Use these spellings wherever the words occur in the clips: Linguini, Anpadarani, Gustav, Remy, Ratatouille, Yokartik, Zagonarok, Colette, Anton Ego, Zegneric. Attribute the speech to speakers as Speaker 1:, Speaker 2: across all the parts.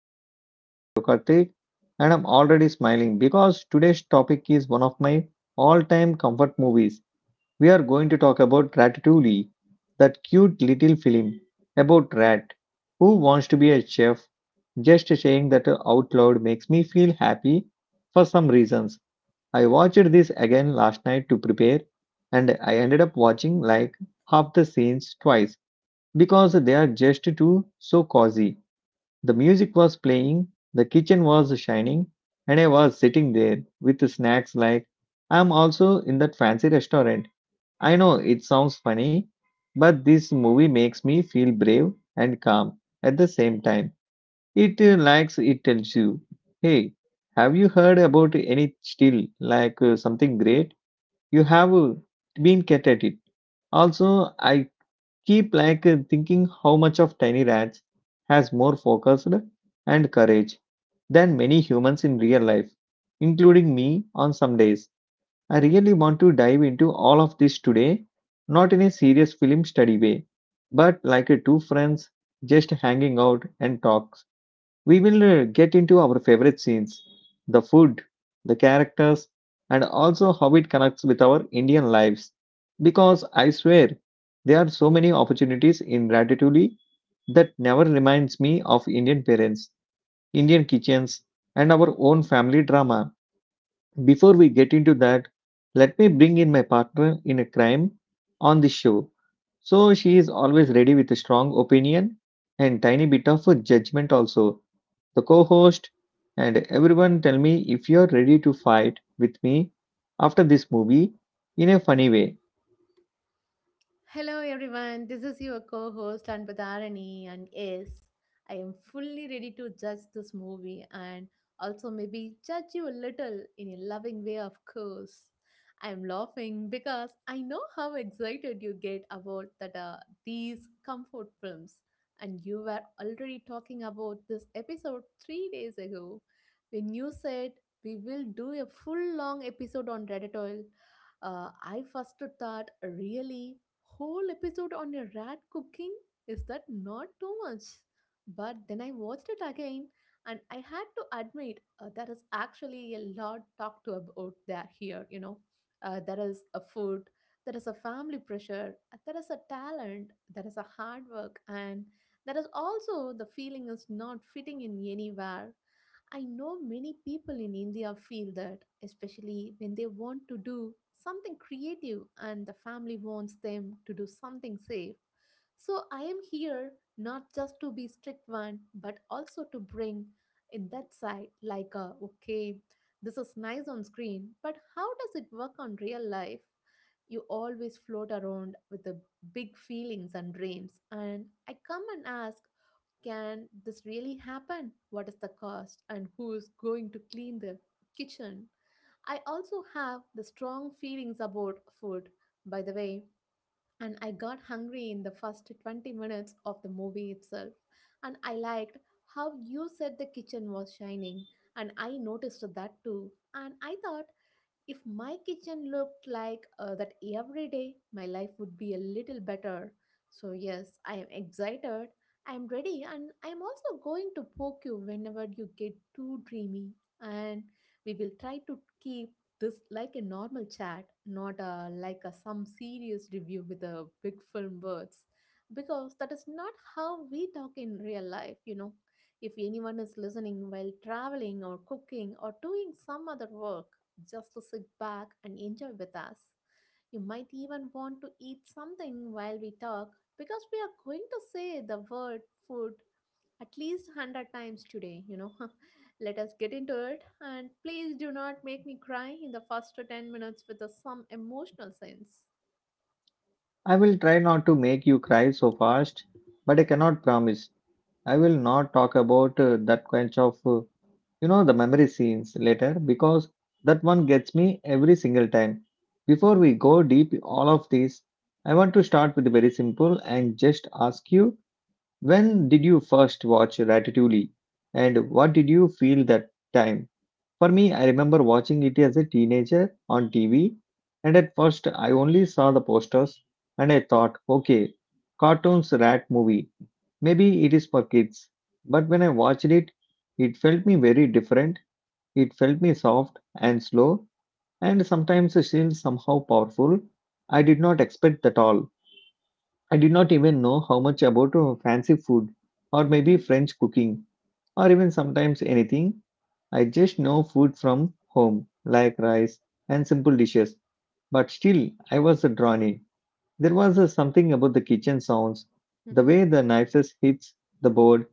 Speaker 1: This is your host Yokartik, and I'm already smiling because today's topic is one of my all time comfort movies. We are going to talk about Ratatouille, that cute little film about rat who wants to be a chef. Just saying that out loud makes me feel happy for some reasons. I watched this again last night to prepare, and I ended up watching like half the scenes twice because they are just too so cozy. The music was playing, the kitchen was shining, and I was sitting there with snacks like I'm also in that fancy restaurant. I know it sounds funny, but this movie makes me feel brave and calm at the same time. It likes it tells you, hey, have you heard about any still like something great? You have been cat at it. Also, I keep like thinking how much of tiny rats has more focused and courage than many humans in real life including me on some days. I really want to dive into all of this today, not in a serious film study way, but like a two friends just hanging out and talk. We will get into our favorite scenes, the food, the characters, and also how it connects with our Indian lives. Because I swear, there are so many opportunities in Ratatouille that never reminds me of Indian parents, Indian kitchens, and our own family drama. Before we get into that, let me bring in my partner in a crime on the show. So she is always ready with a strong opinion and tiny bit of a judgment also the co host, and everyone tell me if you're ready to fight with me after this movie in a funny way.
Speaker 2: Hello, everyone. This is your co host, Anpadarani. And yes, I am fully ready to judge this movie and also maybe judge you a little in a loving way, of course. I am laughing because I know how excited you get about that these comfort films. And you were already talking about this episode 3 days ago when you said we will do a full long episode on Reddit Oil. I first thought, really? Whole episode on a rat cooking? Is that not too much? But then I watched it again and I had to admit there is actually a lot talked to about that here, you know. There is a food, there is a family pressure, there is a talent, there is a hard work, and there is also the feeling is not fitting in anywhere. I know many people in India feel that, especially when they want to do something creative and the family wants them to do something safe. So I am here not just to be strict one, but also to bring in that side like a okay, this is nice on screen, but how does it work on real life? You always float around with the big feelings and dreams, and I come and ask, can this really happen? What is the cost, and who is going to clean the kitchen? I also have the strong feelings about food, by the way, and I got hungry in the first 20 minutes of the movie itself. And I liked how you said the kitchen was shining, and I noticed that too. And I thought if my kitchen looked like that every day, my life would be a little better. So, yes, I am excited. I am ready, and I am also going to poke you whenever you get too dreamy. And we will try to keep this like a normal chat, not like some serious review with a big film words, because that is not how we talk in real life, you know, if anyone is listening while traveling or cooking or doing some other work, just to sit back and enjoy with us. You might even want to eat something while we talk because we are going to say the word food at least 100 times today, you know. Let us get into it and please do not make me cry in the first 10 minutes with some emotional sense.
Speaker 1: I will try not to make you cry so fast, but I cannot promise. I will not talk about that kind of the memory scenes later because that one gets me every single time. Before we go deep all of this, I want to start with very simple and just ask you when did you first watch Ratatouille and what did you feel that time? For me, I remember watching it as a teenager on TV, and at first I only saw the posters and I thought, okay, cartoons rat movie. Maybe it is for kids. But when I watched it, it felt me very different. It felt me soft and slow and sometimes still somehow powerful. I did not expect at all. I did not even know how much about fancy food or maybe
Speaker 2: Mm-hmm.
Speaker 1: French cooking or even sometimes anything. I just know food from home, like rice and simple dishes, but still I was drawn in. There was a something about the kitchen sounds, the
Speaker 2: Mm-hmm.
Speaker 1: way the knives hits the board,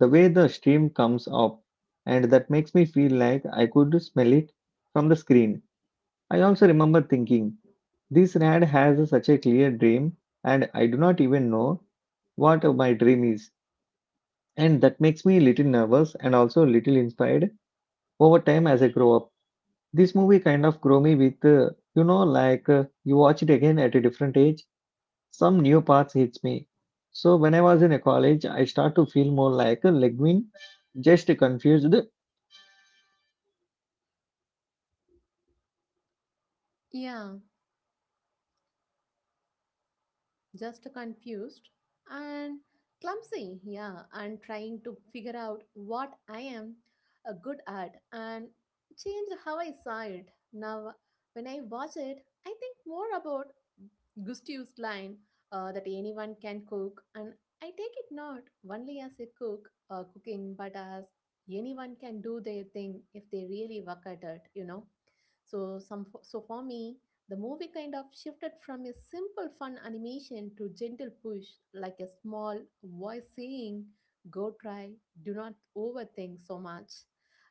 Speaker 1: the way the steam comes up, and that makes me feel like I could smell it from the screen. I also remember thinking, this rad has such a clear dream, and I do not even know what my dream is. And that makes me a little nervous and also a little inspired over time as I grow up. This movie kind of grew me with, like you watch it again at a different age, some new parts hits me. So when I was in a college, I start to feel more like a Leguin, just confused.
Speaker 2: Yeah, just confused and clumsy, yeah, and trying to figure out what I am good at and change how I saw it. Now, when I watch it, I think more about Gustav's line that anyone can cook, and I take it not only as a cooking, but as anyone can do their thing if they really work at it, you know. So for me, the movie kind of shifted from a simple fun animation to gentle push, like a small voice saying, go try, do not overthink so much.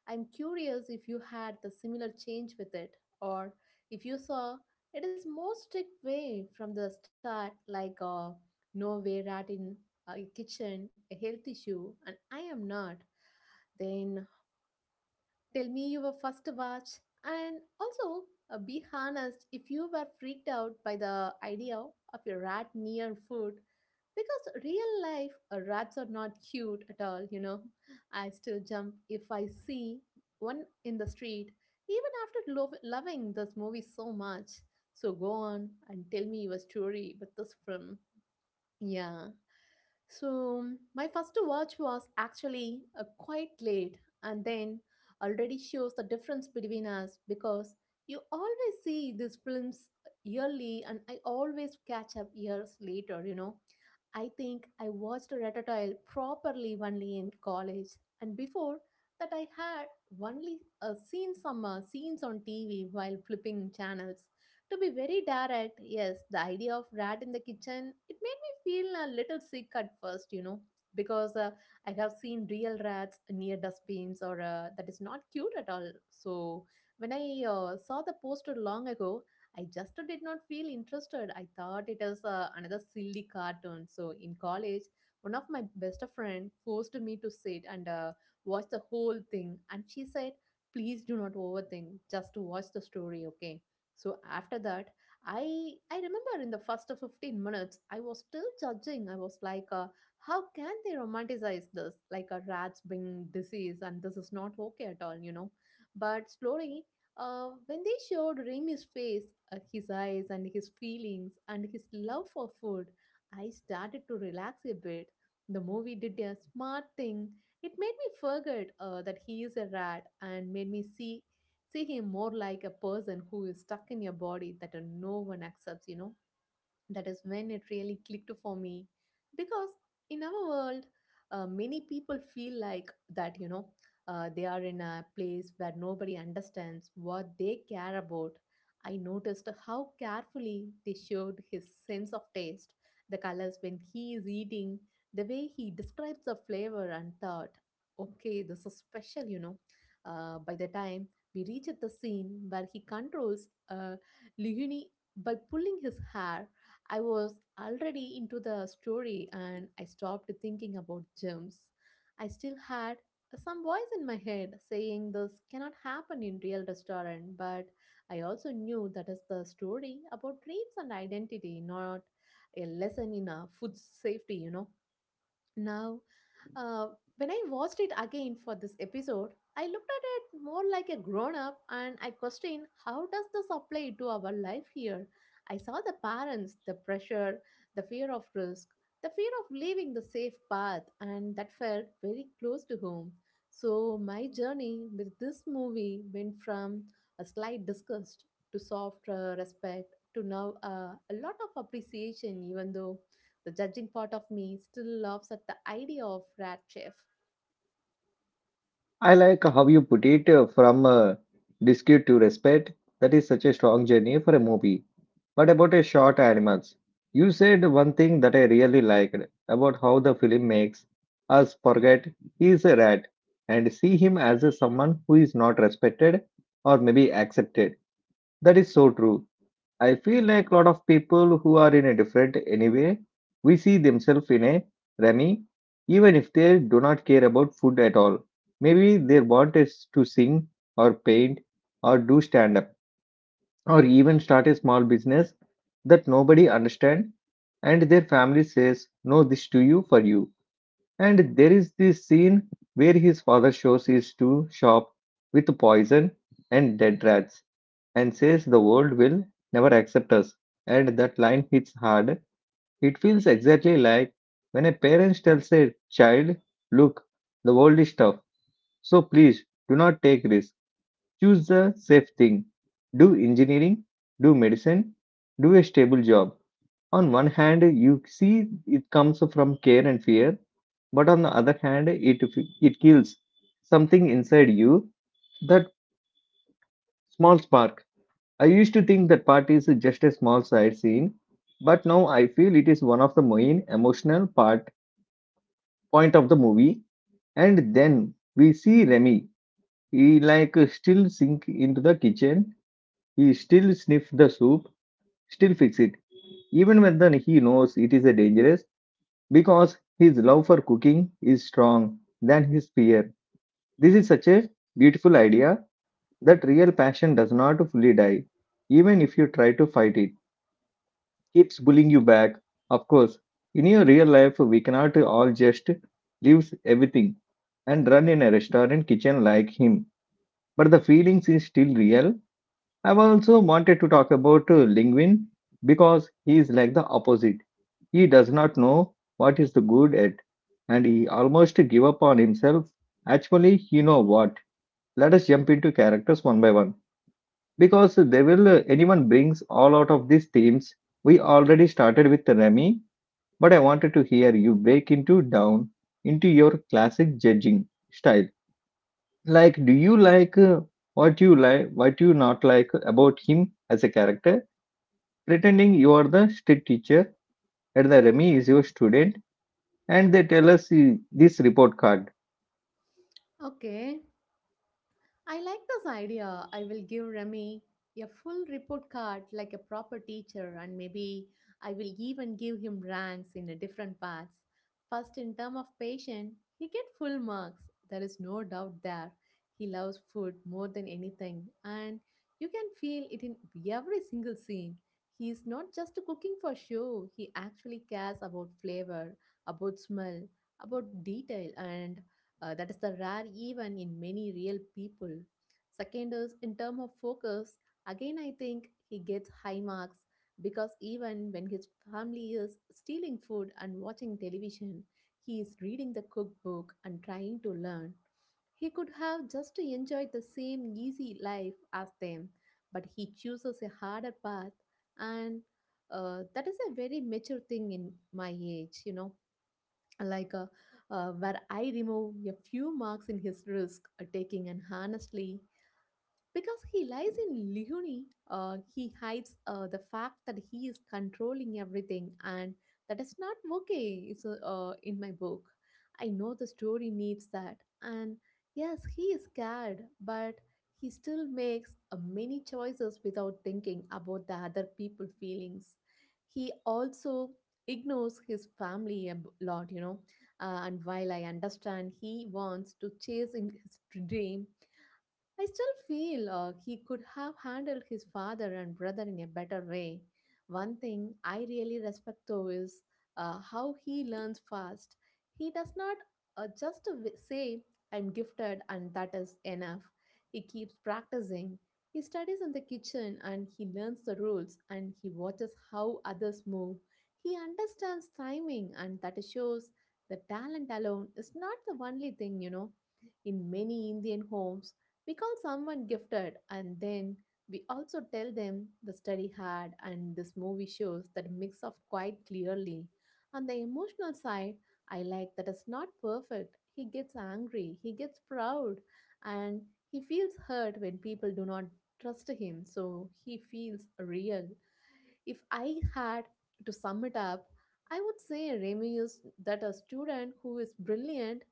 Speaker 2: I'm curious if you had the similar change with it, or if you saw it is more strict way from the start, like a nowhere rat in a kitchen, a health issue, and I am not. Then tell me your first watch. And also, be honest if you were freaked out by the idea of a rat near food, because real life rats are not cute at all, you know. I still jump if I see one in the street, even after loving this movie so much. So go on and tell me your story with this film. Yeah. So my first watch was actually quite late, and then already shows the difference between us because you always see these films yearly and I always catch up years later, you know. I think I watched Ratatouille properly only in college, and before that I had only seen some scenes on TV while flipping channels. To be very direct, yes, the idea of rat in the kitchen, it made me feel a little sick at first, you know, because I have seen real rats near dustbins or that is not cute at all. So when I saw the poster long ago, I just did not feel interested. I thought it was another silly cartoon. So in college, one of my best friend forced me to sit and watch the whole thing, and she said, "Please do not overthink. Just to watch the story, okay?" So after that, I remember in the first 15 minutes, I was still judging. I was like, how can they romanticize this? Like a rat's being disease, and this is not okay at all, you know. But slowly, when they showed Remy's face, his eyes, and his feelings, and his love for food, I started to relax a bit. The movie did a smart thing. It made me forget that he is a rat and made me see him more like a person who is stuck in your body that no one accepts, you know, that is when it really clicked for me because in our world many people feel like that, you know, they are in a place where nobody understands what they care about. I noticed how carefully they showed his sense of taste, the colors when he is eating, the way he describes the flavor, and thought okay this is special, you know. By the time we reach at the scene where he controls Lihuni by pulling his hair, I was already into the story and I stopped thinking about germs. I still had some voice in my head saying this cannot happen in real restaurant, but I also knew that is the story about dreams and identity, not a lesson in food safety, you know. Now, uh, when I watched it again for this episode, I looked at it more like a grown up and I questioned how does this apply to our life here? I saw the parents, the pressure, the fear of risk, the fear of leaving the safe path, and that felt very close to home. So, my journey with this movie went from a slight disgust to soft respect to now a lot of appreciation, even though the judging part of me still laughs at the idea of rat chef.
Speaker 1: I like how you put it from dispute to respect. That is such a strong journey for a movie. But about a short animals, you said one thing that I really liked about how the film makes us forget he is a rat and see him as a someone who is not respected or maybe accepted. That is so true. I feel like a lot of people who are in a different anyway, we see themselves in a Remy, even if they do not care about food at all. Maybe they want us to sing or paint or do stand up or even start a small business that nobody understands and their family says no this to you for you. And there is this scene where his father shows his to shop with poison and dead rats and says the world will never accept us. And that line hits hard. It feels exactly like when a parent tells a child, look, the world is tough, so please do not take risks. Choose the safe thing. Do engineering, do medicine, do a stable job. On one hand, you see it comes from care and fear, but on the other hand, it kills something inside you, that small spark. I used to think that part is just a small side scene, but now I feel it is one of the main emotional part point of the movie. And then we see Remy. He like still sink into the kitchen. He still sniff the soup. Still fix it. Even when then he knows it is a dangerous because his love for cooking is strong than his fear. This is such a beautiful idea that real passion does not fully die, even if you try to fight it. Keeps bullying you back. Of course, in your real life, we cannot all just leaves everything and run in a restaurant kitchen like him. But the feelings is still real. I've also wanted to talk about Lingwin because he is like the opposite. He does not know what is the good at, and he almost give up on himself. Actually, you know what? Let us jump into characters one by one because they will. Anyone brings all out of these themes. We already started with Remy, but I wanted to hear you break into down into your classic judging style. Like, do you like what you like, what you not like about him as a character? Pretending you are the strict teacher and the Remy is your student, and they tell us this report card.
Speaker 2: Okay, I like this idea. I will give Remy a full report card like a proper teacher, and maybe I will even give him ranks in a different paths. First, in term of patient, he get full marks. There is no doubt there. He loves food more than anything, and you can feel it in every single scene. He is not just cooking for show. He actually cares about flavor, about smell, about detail, and that is the rare even in many real people. Second is in term of focus. Again, I think he gets high marks because even when his family is stealing food and watching television, he is reading the cookbook and trying to learn. He could have just enjoyed the same easy life as them, but he chooses a harder path, and that is a very mature thing in my age, you know, like uh, where I remove a few marks in his risk taking, and honestly, because he lies in Leonie, he hides the fact that he is controlling everything, and that is not okay. It's in my book. I know the story needs that, and yes, he is scared, but he still makes many choices without thinking about the other people's feelings. He also ignores his family a lot, you know. And while I understand he wants to chase in his dream, I still feel he could have handled his father and brother in a better way. One thing I really respect though is how he learns fast. He does not just say, I'm gifted and that is enough. He keeps practicing. He studies in the kitchen and he learns the rules and he watches how others move. He understands timing and that shows the talent alone is not the only thing, you know. In many Indian homes, we call someone gifted and then we also tell them the study hard and this movie shows that mix of quite clearly. On the emotional side, I like that it's not perfect. He gets angry, he gets proud, and he feels hurt when people do not trust him, so he feels real. If I had to sum it up, I would say Remy is that a student who is brilliant,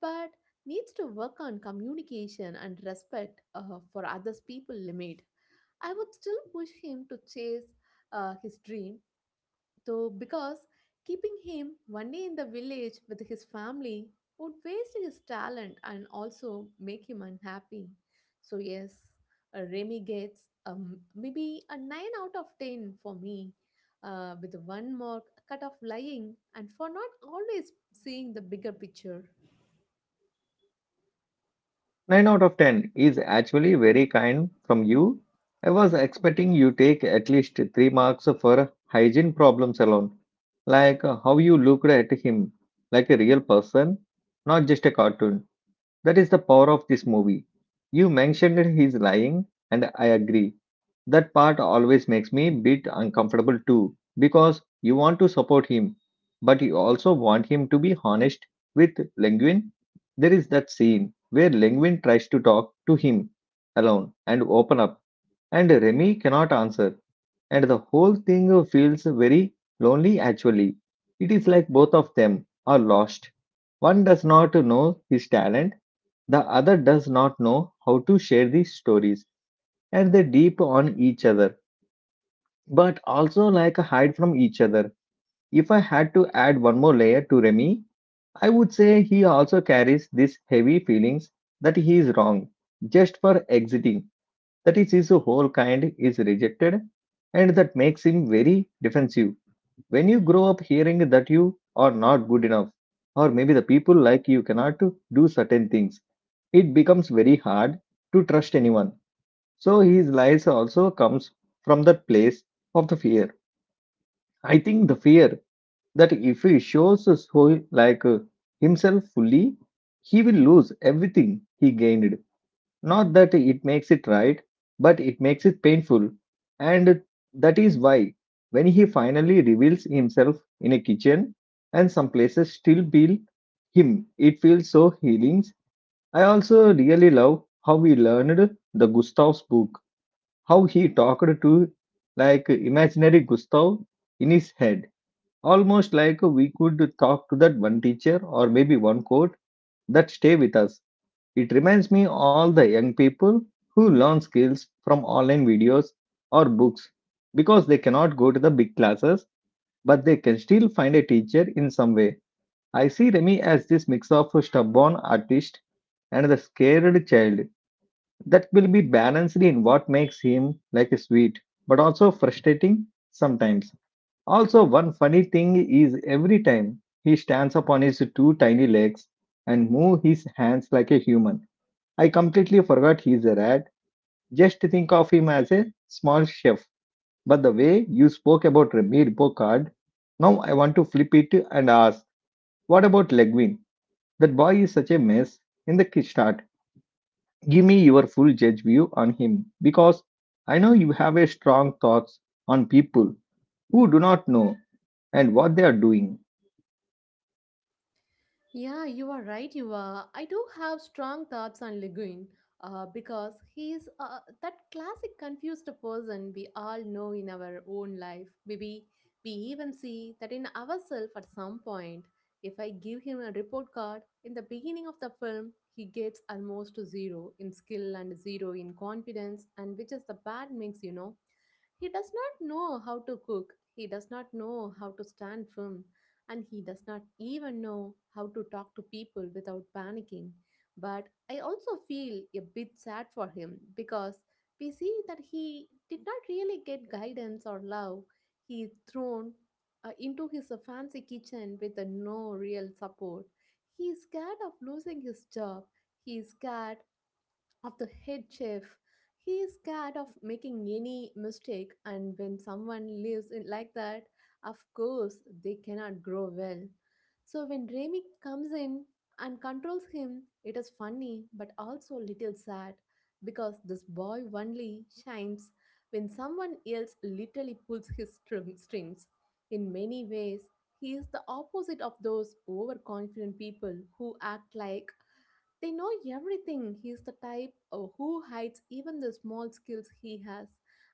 Speaker 2: but needs to work on communication and respect for others people limit. I would still push him to chase his dream though, because keeping him only in the village with his family would waste his talent and also make him unhappy. So yes, Remy gets maybe a 9 out of 10 for me, with one more cut of lying and for not always seeing the bigger picture.
Speaker 1: 9 out of 10 is actually very kind from you. I was expecting you take at least 3 marks for hygiene problems alone. Like how you looked at him like a real person, not just a cartoon. That is the power of this movie. You mentioned that he's lying, and I agree. That part always makes me a bit uncomfortable too, because you want to support him, but you also want him to be honest with Lenguin. There is that scene where Lenguin tries to talk to him alone and open up, and Remy cannot answer, and the whole thing feels very lonely actually. It is like both of them are lost. One does not know his talent, the other does not know how to share these stories, and they deep on each other, but also like hide from each other. If I had to add one more layer to Remy, I would say he also carries this heavy feelings that he is wrong just for exiting. That is, his whole kind is rejected and that makes him very defensive. When you grow up hearing that you are not good enough or maybe the people like you cannot do certain things, it becomes very hard to trust anyone. So his lies also comes from that place of the fear. I think the fear that if he shows his whole like himself fully, he will lose everything he gained. Not that it makes it right, but it makes it painful. And that is why, when he finally reveals himself in a kitchen and some places still bill him, it feels so healing. I also really love how we learned the Gustav's book, how he talked to like imaginary Gustav in his head, almost like we could talk to that one teacher or maybe one quote that stay with us. It reminds me all the young people who learn skills from online videos or books because they cannot go to the big classes, but they can still find a teacher in some way. I see Remy as this mix of a stubborn artist and the scared child that will be balanced in what makes him like a sweet but also frustrating sometimes. Also one funny thing is every time he stands up on his two tiny legs and move his hands like a human, I completely forgot he's a rat. Just think of him as a small chef. But the way you spoke about Remy Bocard, now I want to flip it and ask, what about Legwin? That boy is such a mess in the kickstart. Give me your full judge view on him because I know you have a strong thoughts on people who do not know and what they are doing.
Speaker 2: Yeah, you are right. You are. I do have strong thoughts on Leguin because he is that classic confused person we all know in our own life. Maybe we even see that in ourselves at some point. If I give him a report card in the beginning of the film, he gets almost to zero in skill and zero in confidence, and which is the bad mix, you know. He does not know how to cook. He does not know how to stand firm, and he does not even know how to talk to people without panicking. But I also feel a bit sad for him because we see that he did not really get guidance or love. He is thrown into his fancy kitchen with no real support. He is scared of losing his job. He is scared of the head chef. He is scared of making any mistake, and when someone lives in like that, of course, they cannot grow well. So when Remy comes in and controls him, it is funny but also a little sad because this boy only shines when someone else literally pulls his strings. In many ways, he is the opposite of those overconfident people who act like they know everything. He is the type who hides even the small skills he has.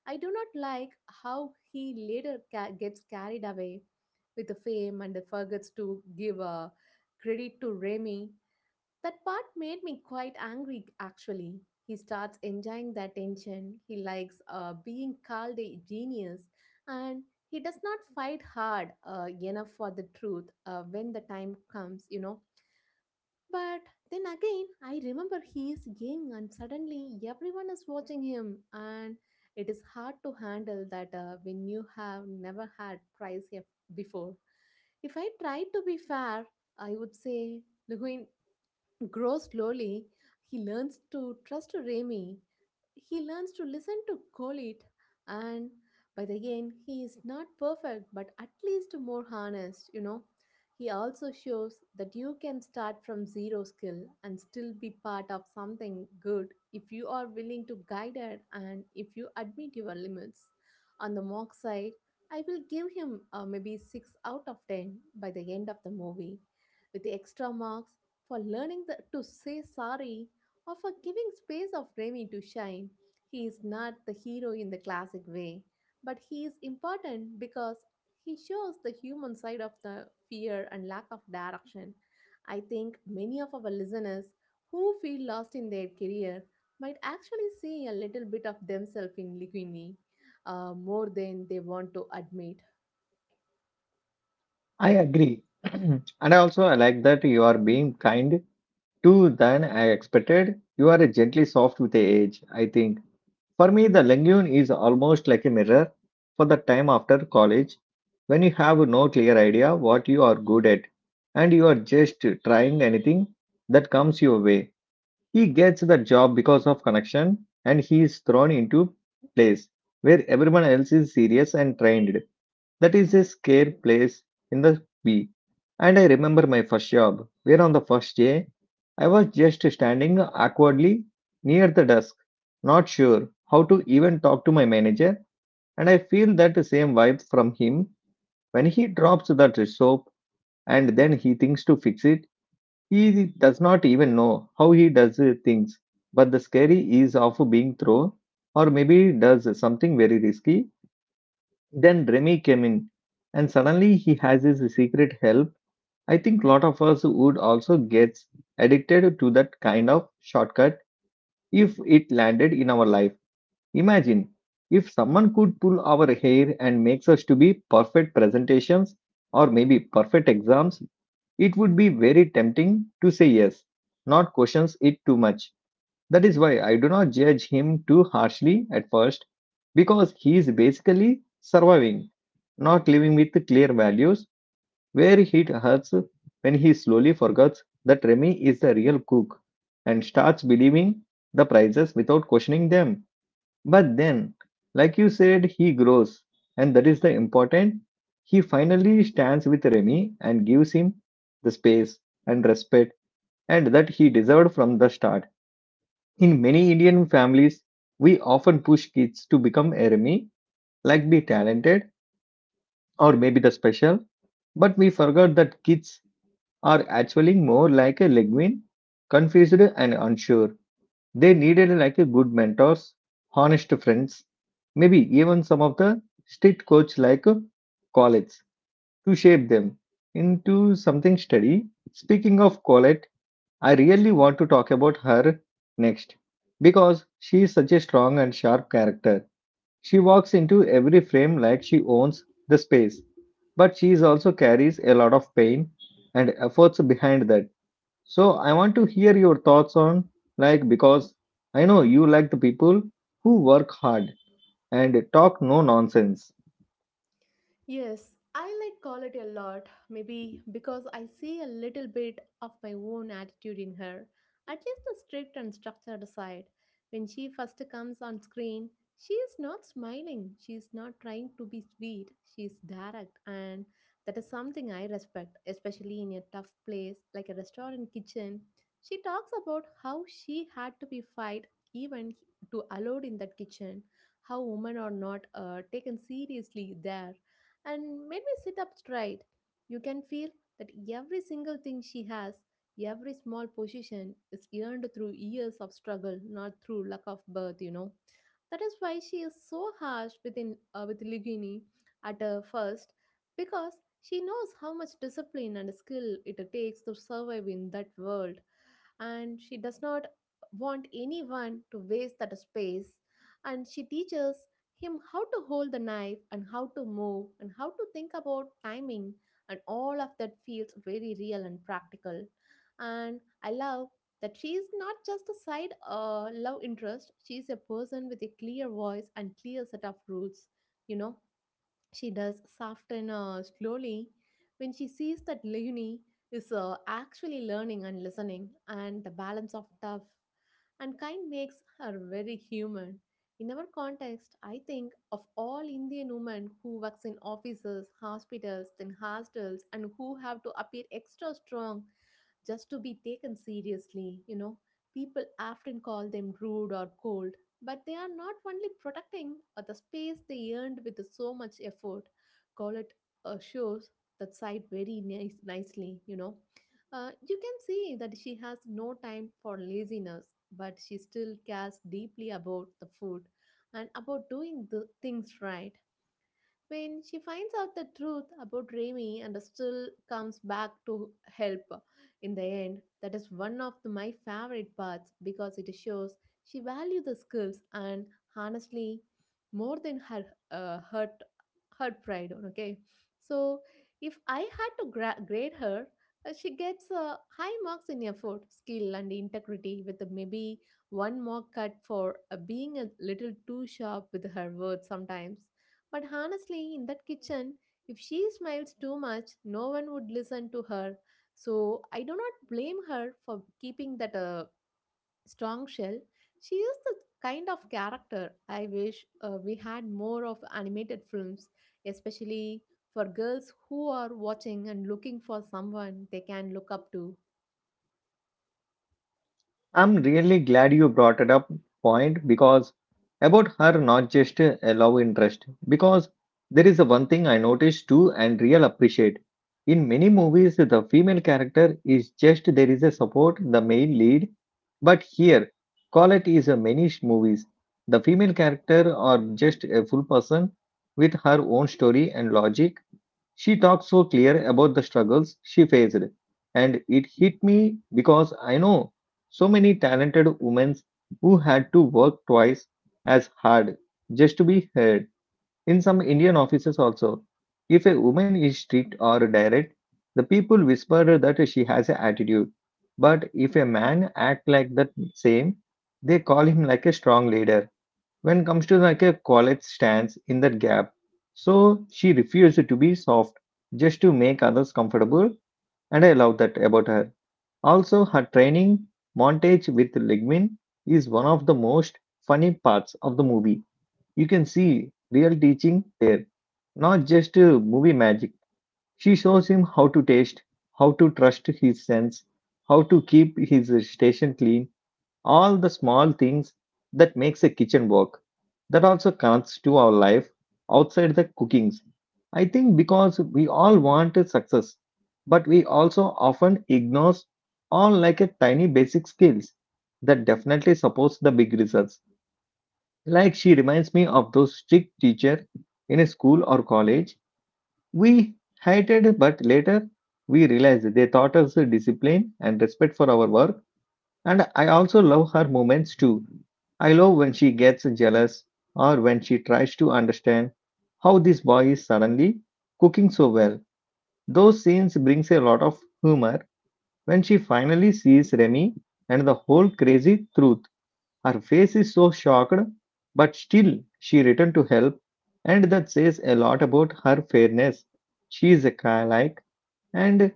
Speaker 2: I do not like how he later gets carried away with the fame and forgets to give credit to Remy. That part made me quite angry actually. He starts enjoying the attention. He likes being called a genius, and he does not fight hard enough for the truth when the time comes, you know. But then again, I remember he is young and suddenly everyone is watching him, and it is hard to handle that when you have never had prize yet before. If I tried to be fair, I would say, look, grow slowly. He learns to trust Remy. He learns to listen to Kolit. And by the end, he is not perfect, but at least more honest, you know. He also shows that you can start from zero skill and still be part of something good if you are willing to guide it and if you admit your limits. On the mock side, I will give him maybe 6 out of 10 by the end of the movie, with the extra marks for learning the, to say sorry or for giving space of Remy to shine. He is not the hero in the classic way, but he is important because he shows the human side of the fear and lack of direction. I think many of our listeners who feel lost in their career might actually see a little bit of themselves in Ligwini, more than they want to admit.
Speaker 1: I agree. And I also I like that you are being kind Two than I expected. You are gently soft with age, I think. For me, the Langoon is almost like a mirror for the time after college when you have no clear idea what you are good at and you are just trying anything that comes your way. He gets the job because of connection and he is thrown into place where everyone else is serious and trained. That is a scare place in the B. And I remember my first job, where on the first day, I was just standing awkwardly near the desk, not sure how to even talk to my manager. And I feel that same vibe from him when he drops that soap and then he thinks to fix it. He does not even know how he does things. But the scary is of being thrown or maybe does something very risky then Remy came in, and suddenly he has his secret help. I think lot of us would also get addicted to that kind of shortcut if it landed in our life. Imagine if someone could pull our hair and makes us to be perfect presentations or maybe perfect exams, it would be very tempting to say yes, not questions it too much. That is why I do not judge him too harshly at first because he is basically surviving not living with clear values, where it hurts when he slowly forgets that Remy is the real cook and starts believing the prices without questioning them. But then, like you said, he grows, and that is the important. He finally stands with Remy and gives him the space and respect and that he deserved from the start. In many Indian families, we often push kids to become a Remy, like be talented or maybe the special. But we forgot that kids are actually more like a legume, confused and unsure. They needed like a good mentors, honest friends, maybe even some of the street coach like a college to shape them into something steady. Speaking of Colette, I really want to talk about her next because she is such a strong and sharp character. She walks into every frame like she owns the space, but she is also carries a lot of pain and efforts behind that. So I want to hear your thoughts on, like, because I know you like the people who work hard and talk no nonsense.
Speaker 2: Yes, I like quality a lot, maybe because I see a little bit of my own attitude in her, at least the strict and structured side. When she first comes on screen, she is not smiling, she is not trying to be sweet, she is direct, and that is something I respect, especially in a tough place like a restaurant kitchen. She talks about how she had to be fight even to allowed in that kitchen, how women are not taken seriously there, and made me sit up straight. You can feel that every single thing she has, every small position, is earned through years of struggle, not through luck of birth, you know. That is why she is so harsh within, with Ligini at first, because she knows how much discipline and skill it takes to survive in that world, and she does not want anyone to waste that space. And she teaches him how to hold the knife and how to move and how to think about timing, and all of that feels very real and practical. And I love that she is not just a side love interest. She is a person with a clear voice and clear set of rules, you know. She does soften slowly when she sees that Leonie is actually learning and listening, and the balance of tough and kind makes her very human. In our context, I think of all Indian women who works in offices, hospitals, then hostels, and who have to appear extra strong just to be taken seriously. You know, people often call them rude or cold, but they are not only protecting the space they earned with so much effort. Collett shows that side very nicely, you know. You can see that she has no time for laziness, but she still cares deeply about the food and about doing the things right. When she finds out the truth about Remy and still comes back to help in the end, that is one of my favorite parts, because it shows she values the skills and honestly more than her hurt, her pride. Okay, so if I had to grade her, she gets high marks in effort, skill, and integrity, with maybe one more cut for being a little too sharp with her words sometimes. But honestly, in that kitchen, if she smiles too much, no one would listen to her. So I do not blame her for keeping that strong shell. She is the kind of character I wish we had more of animated films, especially for girls who are watching and looking for someone they can look up to.
Speaker 1: I'm really glad you brought it up point because about her not just a love interest because there is a one thing I noticed too and real appreciate. In many movies the female character is just there is a support the male lead but here call it is a many movies the female character are just a full person with her own story and logic. She talked so clear about the struggles she faced, and it hit me because I know so many talented women who had to work twice as hard just to be heard. In some Indian offices, also, if a woman is strict or direct, the people whisper that she has an attitude. But if a man act like that same, they call him like a strong leader when comes to like a college stands in that gap. So she refused to be soft just to make others comfortable, and I love that about her. Also, her training montage with Ligmin is one of the most funny parts of the movie. You can see real teaching there, not just movie magic. She shows him how to taste, how to trust his sense, how to keep his station clean, all the small things that makes a kitchen work. That also connects to our life outside the cookings. I think because we all want a success, but we also often ignore all like a tiny basic skills that definitely supports the big results. Like she reminds me of those strict teacher in a school or college we hated but later we realized they taught us discipline and respect for our work. And I also love her moments too. I love when she gets jealous or when she tries to understand how this boy is suddenly cooking so well. Those scenes brings a lot of humor when she finally sees Remy and the whole crazy truth. Her face is so shocked, but still she returned to help, and that says a lot about her fairness. She is a like and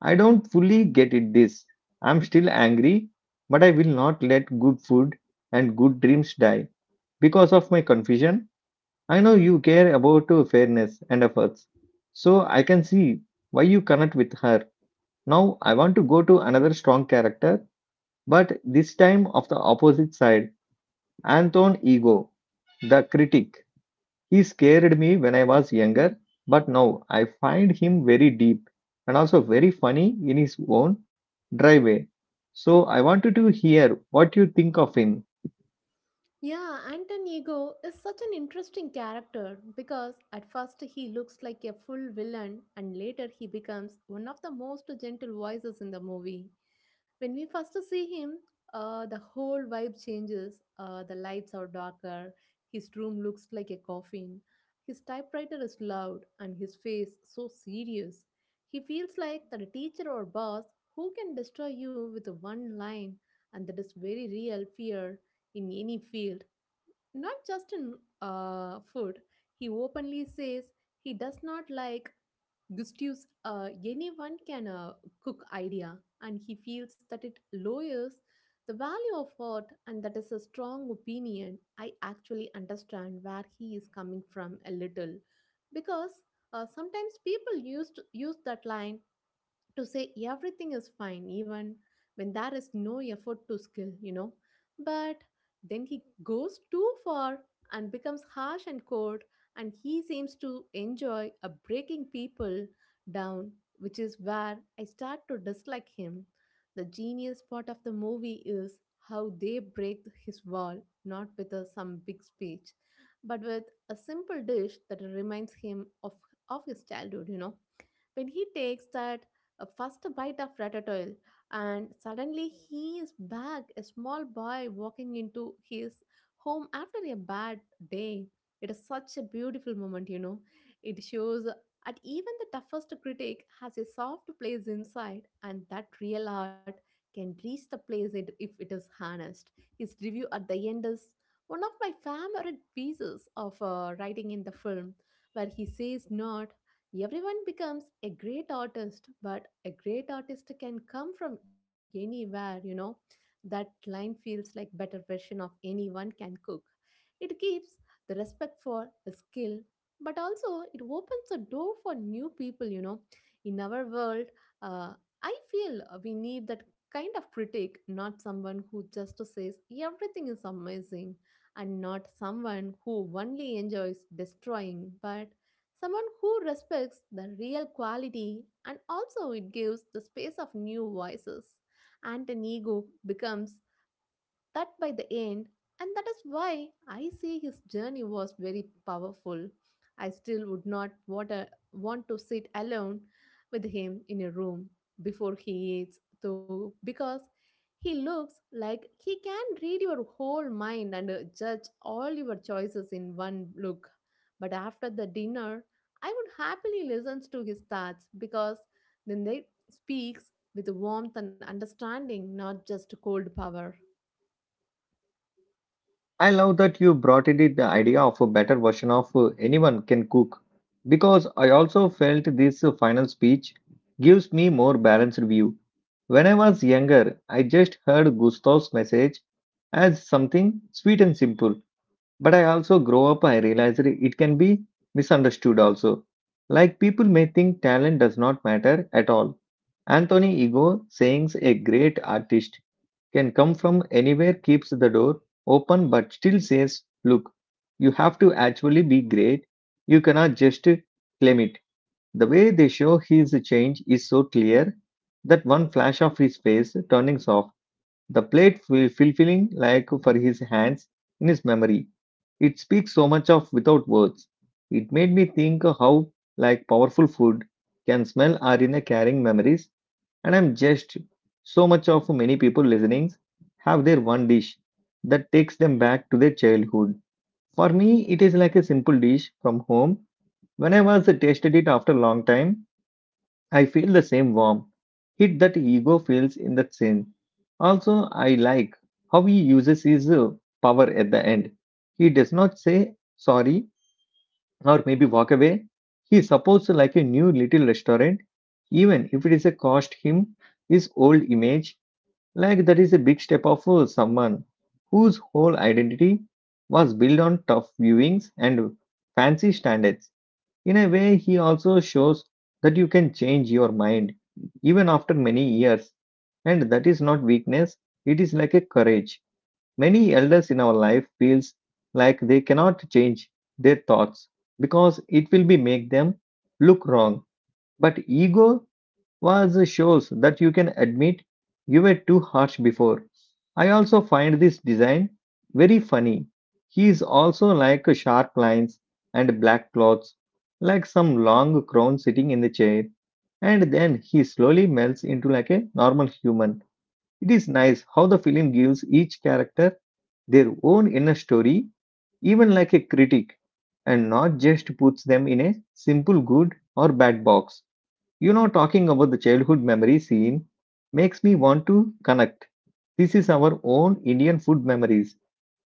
Speaker 1: I don't fully get it this. I'm still angry, but I will not let good food and good dreams die because of my confusion. I know you care about fairness and efforts, so I can see why you connect with her. Now I want to go to another strong character, but this time of the opposite side, Anton Ego, the critic. He scared me when I was younger, but now I find him very deep and also very funny in his own dry way. So I wanted to hear what you think of him.
Speaker 2: Yeah, Anton Ego is such an interesting character because at first he looks like a full villain and later he becomes one of the most gentle voices in the movie. When we first see him, the whole vibe changes. The lights are darker, his room looks like a coffin, his typewriter is loud, and his face so serious. He feels like the teacher or boss who can destroy you with one line, and that is very real fear in any field, not just in food. He openly says he does not like Gustav's anyone can cook idea, and he feels that it lowers the value of art, and that is a strong opinion. I actually understand where he is coming from a little, because sometimes people use that line to say everything is fine even when there is no effort to skill, you know. But then he goes too far and becomes harsh and cold, and he seems to enjoy a breaking people down, which is where I start to dislike him. The genius part of the movie is how they break his wall, not with some big speech, but with a simple dish that reminds him of his childhood, you know. When he takes that first bite of ratatouille, and suddenly he is back, a small boy walking into his home after a bad day. It is such a beautiful moment, you know. It shows that even the toughest critic has a soft place inside, and that real art can reach the place it, if it is harnessed. His review at the end is one of my favorite pieces of writing in the film, where he says not everyone becomes a great artist, but a great artist can come from anywhere, you know. That line feels like better version of anyone can cook. It gives the respect for the skill, but also it opens a door for new people, you know. In our world, uh, I feel we need that kind of critic, not someone who just says everything is amazing, and not someone who only enjoys destroying, but someone who respects the real quality and also it gives the space of new voices. And an ego becomes that by the end. And that is why I say his journey was very powerful. I still would not want, want to sit alone with him in a room before he eats, though, because he looks like he can read your whole mind and judge all your choices in one look. But after the dinner, I would happily listen to his thoughts because then they speaks with warmth and understanding, not just cold power.
Speaker 1: I love that you brought in the idea of a better version of anyone can cook because I also felt this final speech gives me more balanced view. When I was younger, I just heard Gustav's message as something sweet and simple. But I also grow up, I realized it can be misunderstood also. Like people may think talent does not matter at all. Anthony Ego saying a great artist can come from anywhere keeps the door open but still says, look, you have to actually be great. You cannot just claim it. The way they show his change is so clear, that one flash of his face turning soft, the plate like for his hands in his memory, it speaks so much of without words. It made me think how like powerful food can smell are in a carrying memories, and I'm just so much of many people listening have their one dish that takes them back to their childhood. For me it is like a simple dish from home. When I was tasted it after a long time, I feel the same warmth. Hit that ego feels in that sense. Also I like how he uses his power at the end. He does not say sorry or maybe walk away. He supports like a new little restaurant, even if it is a cost him his old image. Like that is a big step of someone whose whole identity was built on tough viewings and fancy standards. In a way, he also shows that you can change your mind even after many years, and that is not weakness, it is like a courage. Many elders in our life feels like they cannot change their thoughts because it will be make them look wrong. But ego was shows that you can admit you were too harsh before. I also find this design very funny. He is also like sharp lines and black clothes, like some long crown sitting in the chair, and then he slowly melts into like a normal human. It is nice how the film gives each character their own inner story, even like a critic, and not just puts them in a simple good or bad box. You know, talking about the childhood memory scene makes me want to connect. This is our own Indian food memories.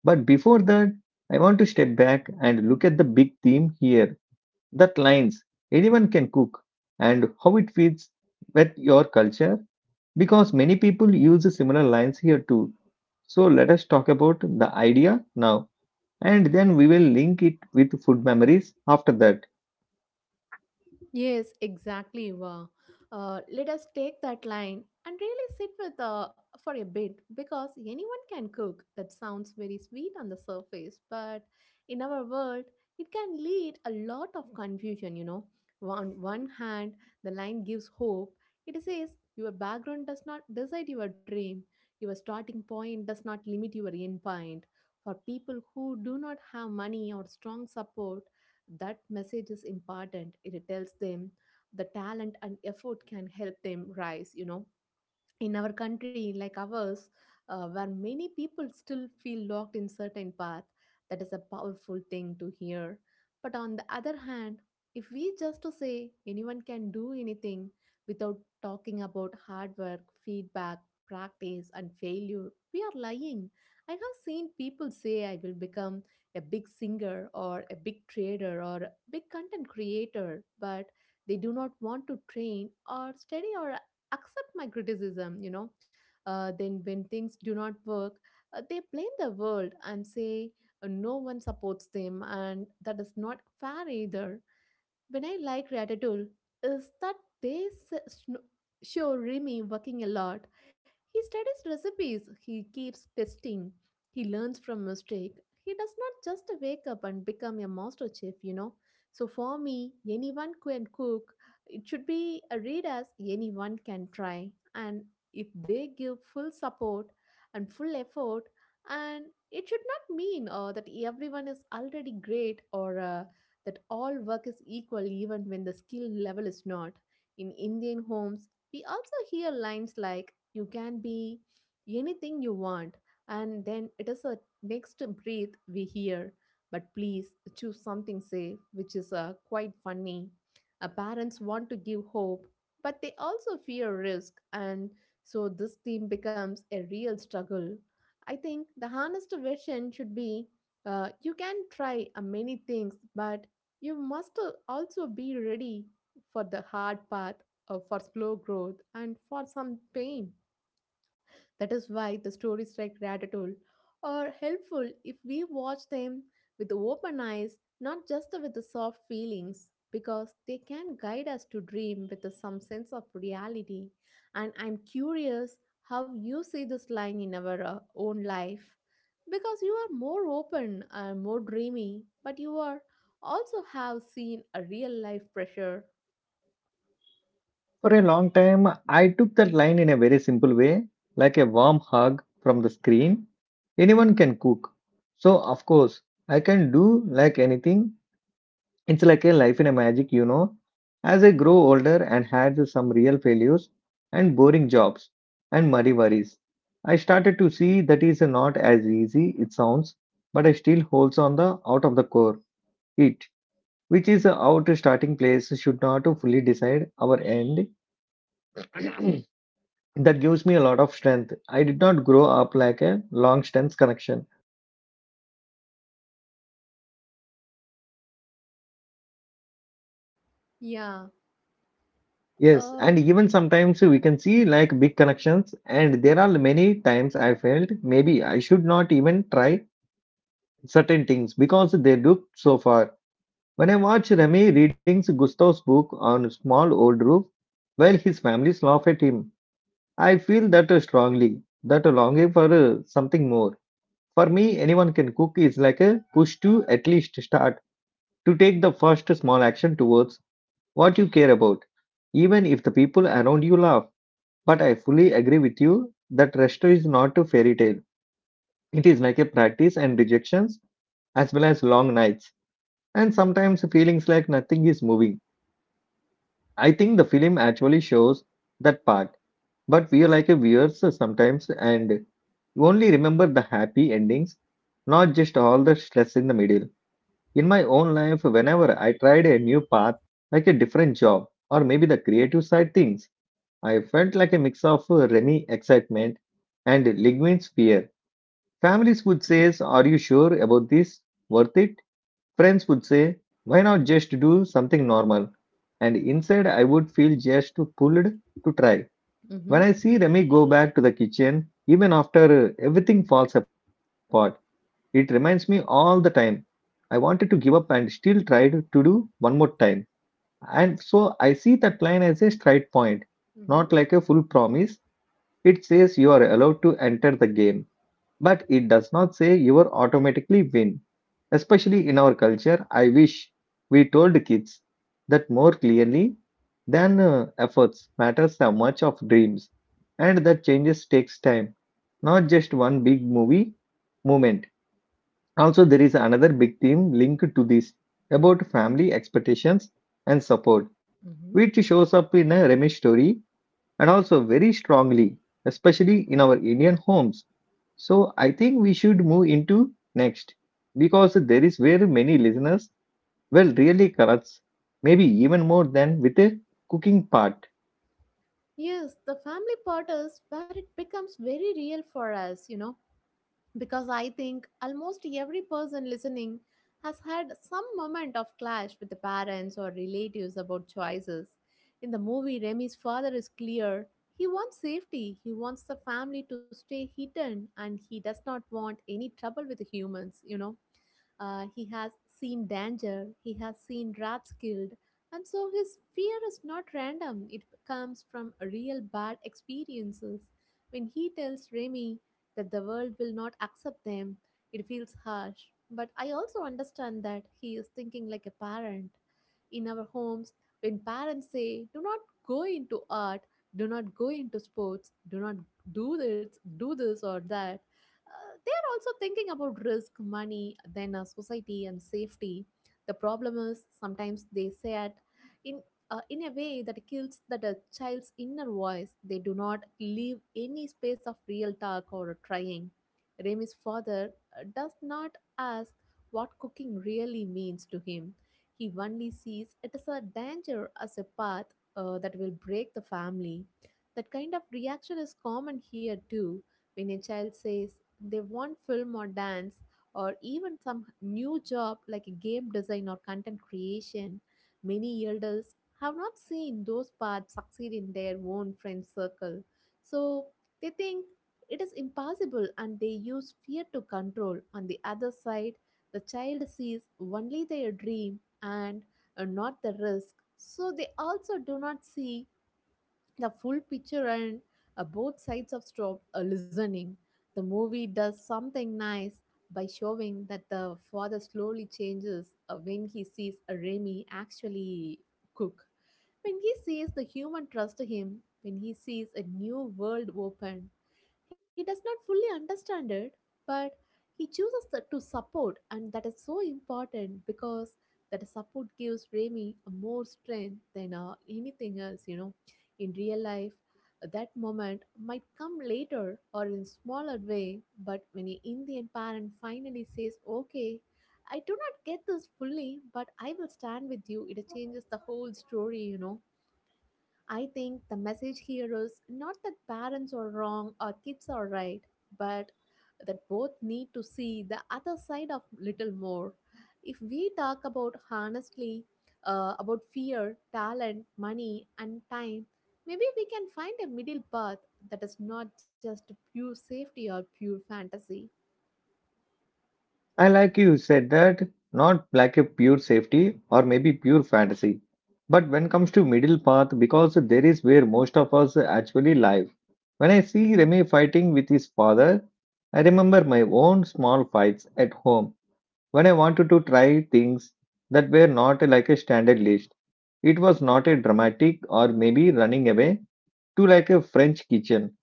Speaker 1: But before that, I want to step back and look at the big theme here, that lines anyone can cook and how it fits with your culture because many people use similar lines here too. So let us talk about the idea now, and then we will link it with food memories after that.
Speaker 2: Yes, exactly. Wow. Let us take that line and really sit with for a bit, because anyone can cook. That sounds very sweet on the surface, but in our world, it can lead a lot of confusion. You know, on one hand, the line gives hope. It says your background does not decide your dream. Your starting point does not limit your end point. For people who do not have money or strong support, that message is important. It tells them the talent and effort can help them rise, you know. In our country like ours, where many people still feel locked in certain path, that is a powerful thing to hear. But on the other hand, if we just to say anyone can do anything without talking about hard work, feedback, practice and failure, we are lying. I have seen people say I will become a big singer or a big trader or a big content creator, but they do not want to train or study or accept my criticism, then when things do not work, they blame the world and say no one supports them, and that is not fair either. When I like Ratatouille is that they show Remy working a lot. He studies recipes, he keeps testing, he learns from mistake. He does not just wake up and become a master chef, you know. So for me, anyone can cook. It should be a read as anyone can try. And if they give full support and full effort, and it should not mean that everyone is already great, or that all work is equal even when the skill level is not. In Indian homes, we also hear lines like, you can be anything you want, and then it is a next breath we hear, but please choose something safe, which is quite funny. Parents want to give hope, but they also fear risk, and so this theme becomes a real struggle. I think the honest version should be you can try many things, but you must also be ready for the hard path, for slow growth, and for some pain. That is why the stories like Ratatouille are helpful if we watch them with open eyes, not just with the soft feelings, because they can guide us to dream with some sense of reality. And I'm curious how you see this line in our own life, because you are more open and more dreamy, but you are also have seen a real life pressure.
Speaker 1: For a long time, I took that line in a very simple way, like a warm hug from the screen. Anyone can cook. So, of course, I can do like anything. It's like a life in a magic, you know. As I grow older and had some real failures and boring jobs and muddy worries, I started to see that is not as easy it sounds, but I still holds on the out of the core it, which is out starting place should not to fully decide our end. That gives me a lot of strength. I did not grow up like a long distance connection.
Speaker 2: yeah
Speaker 1: Yes,
Speaker 2: uh
Speaker 1: and even sometimes we can see like big connections, and there are many times I felt maybe I should not even try certain things because they look so far. When I watch Remy reading Gustav's book on a small old roof, while his families laugh at him, I feel that strongly, that longing for something more. For me, anyone can cook is like a push to at least start to take the first small action towards what you care about, even if the people around you laugh. But I fully agree with you that resto is not a fairy tale. It is like a practice and rejections, as well as long nights, and sometimes feelings like nothing is moving. I think the film actually shows that part, but we are like a viewers sometimes and only remember the happy endings, not just all the stress in the middle. In my own life, whenever I tried a new path, like a different job, or maybe the creative side things, I felt like a mix of Remy excitement and Ligvin's fear. Families would say, are you sure about this? Worth it? Friends would say, why not just do something normal? And inside, I would feel just pulled to try. When
Speaker 2: mhm.
Speaker 1: I see Remy go back to the kitchen, even after everything falls apart, it reminds me all the time. I wanted to give up and still tried to do one more time. And so I see that line as a straight point,
Speaker 2: Mhm.
Speaker 1: not like a full promise. It says you are allowed to enter the game, but it does not say you are automatically win. Especially in our culture, I wish we told kids that more clearly than efforts matters so much of dreams and that changes takes time, not just one big movie moment. Also, there is another big theme linked to this about family expectations and support,
Speaker 2: Mhm.
Speaker 1: which shows up in a Remy story and also very strongly, especially in our Indian homes. So I think we should move into next because there is where many listeners will really corrupts, maybe even more than with the cooking part.
Speaker 2: Yes, the family part is where it becomes very real for us, you know, because I think almost every person listening has had some moment of clash with the parents or relatives about choices. In the movie, Remy's father is clear. He wants safety, he wants the family to stay hidden, and he does not want any trouble with the humans, you know. He has seen danger, he has seen rats killed, and so his fear is not random. It comes from real bad experiences. When he tells Remy that the world will not accept them, it feels harsh. But I also understand that he is thinking like a parent. In our homes, when parents say, do not go into art, do not go into sports, do not do this, do this or that, they are also thinking about risk, money, then society and safety. The problem is sometimes they say it in in a way that kills that a child's inner voice. They do not leave any space of real talk or trying. Remy's father does not ask what cooking really means to him. He only sees it as a danger, as a path that will break the family. That kind of reaction is common here too. When a child says, they want film or dance or even some new job like a game design or content creation. Many elders have not seen those paths succeed in their own friend circle. So they think it is impossible and they use fear to control. On the other side, the child sees only their dream and not the risk. So they also do not see the full picture, and both sides of stop listening. The movie does something nice by showing that the father slowly changes when he sees Remy actually cook, when he sees the human trust him, when he sees a new world open. He does not fully understand it, but he chooses to support, and that is so important because that support gives Remy a more strength than anything else, you know. In real life, that moment might come later or in smaller way, but when an Indian parent finally says, Okay, I do not get this fully, but I will stand with you, it changes the whole story, you know. I think the message here is not that parents are wrong or kids are right, but that both need to see the other side of little more. If we talk about honestly about fear, talent, money, and time, maybe we can find a middle path that is not just pure safety or pure fantasy.
Speaker 1: I like you said that not like a pure safety or maybe pure fantasy. But when comes to middle path, because there is where most of us actually live. When I see Remy fighting with his father, I remember my own small fights at home when I wanted to try things that were not like a standard list. It was not a dramatic or maybe running away to like a French kitchen,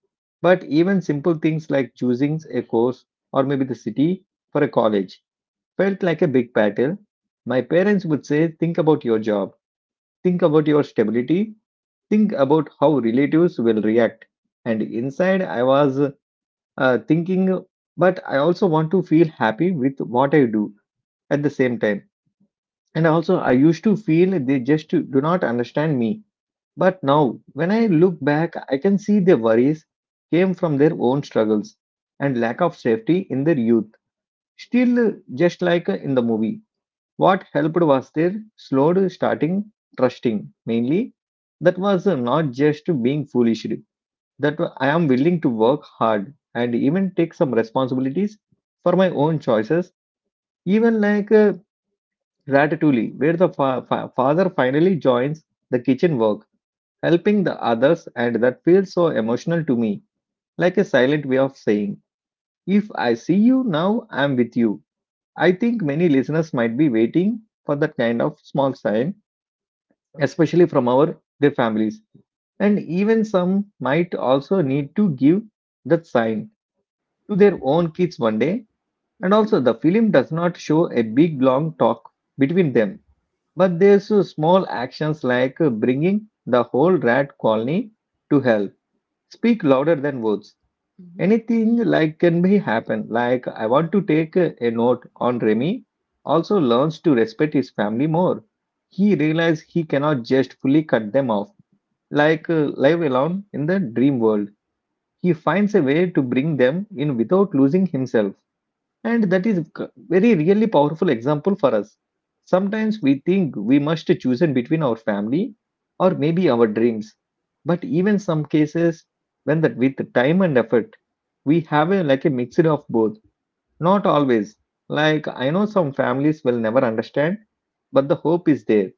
Speaker 1: but even simple things like choosing a course or maybe the city for a college felt like a big battle. My parents would say, think about your job, think about your stability, think about how relatives will react. And inside, I was thinking, but I also want to feel happy with what I do at the same time, and also, I used to feel they just do not understand me. But now, when I look back, I can see their worries came from their own struggles and lack of safety in their youth. Still, just like in the movie, what helped was their slowed starting trusting. Mainly, that was not just being foolish, that I am willing to work hard and even take some responsibilities for my own choices, even like Ratatouille, where the father finally joins the kitchen work, helping the others, and that feels so emotional to me, like a silent way of saying, if I see you now, I'm with you. I think many listeners might be waiting for that kind of small sign, especially from our their families. And even some might also need to give that sign to their own kids one day. And
Speaker 2: Mm-hmm.
Speaker 1: also, the film does not show a big long talk between them, but there's small actions like bringing the whole rat colony to help. Speak louder than words.
Speaker 2: Mm-hmm.
Speaker 1: Anything like can be happen. Like I want to take a note on Remy. Also learns to respect his family more. He realizes he cannot just fully cut them off. Like live alone in the dream world. He finds a way to bring them in without losing himself. And that is very really powerful example for us. Sometimes we think we must choose it between our family or maybe our dreams. But even some cases when that with time and effort, we have a, like a mixture of both. Not always. Like I know some families will never understand, but the hope is there.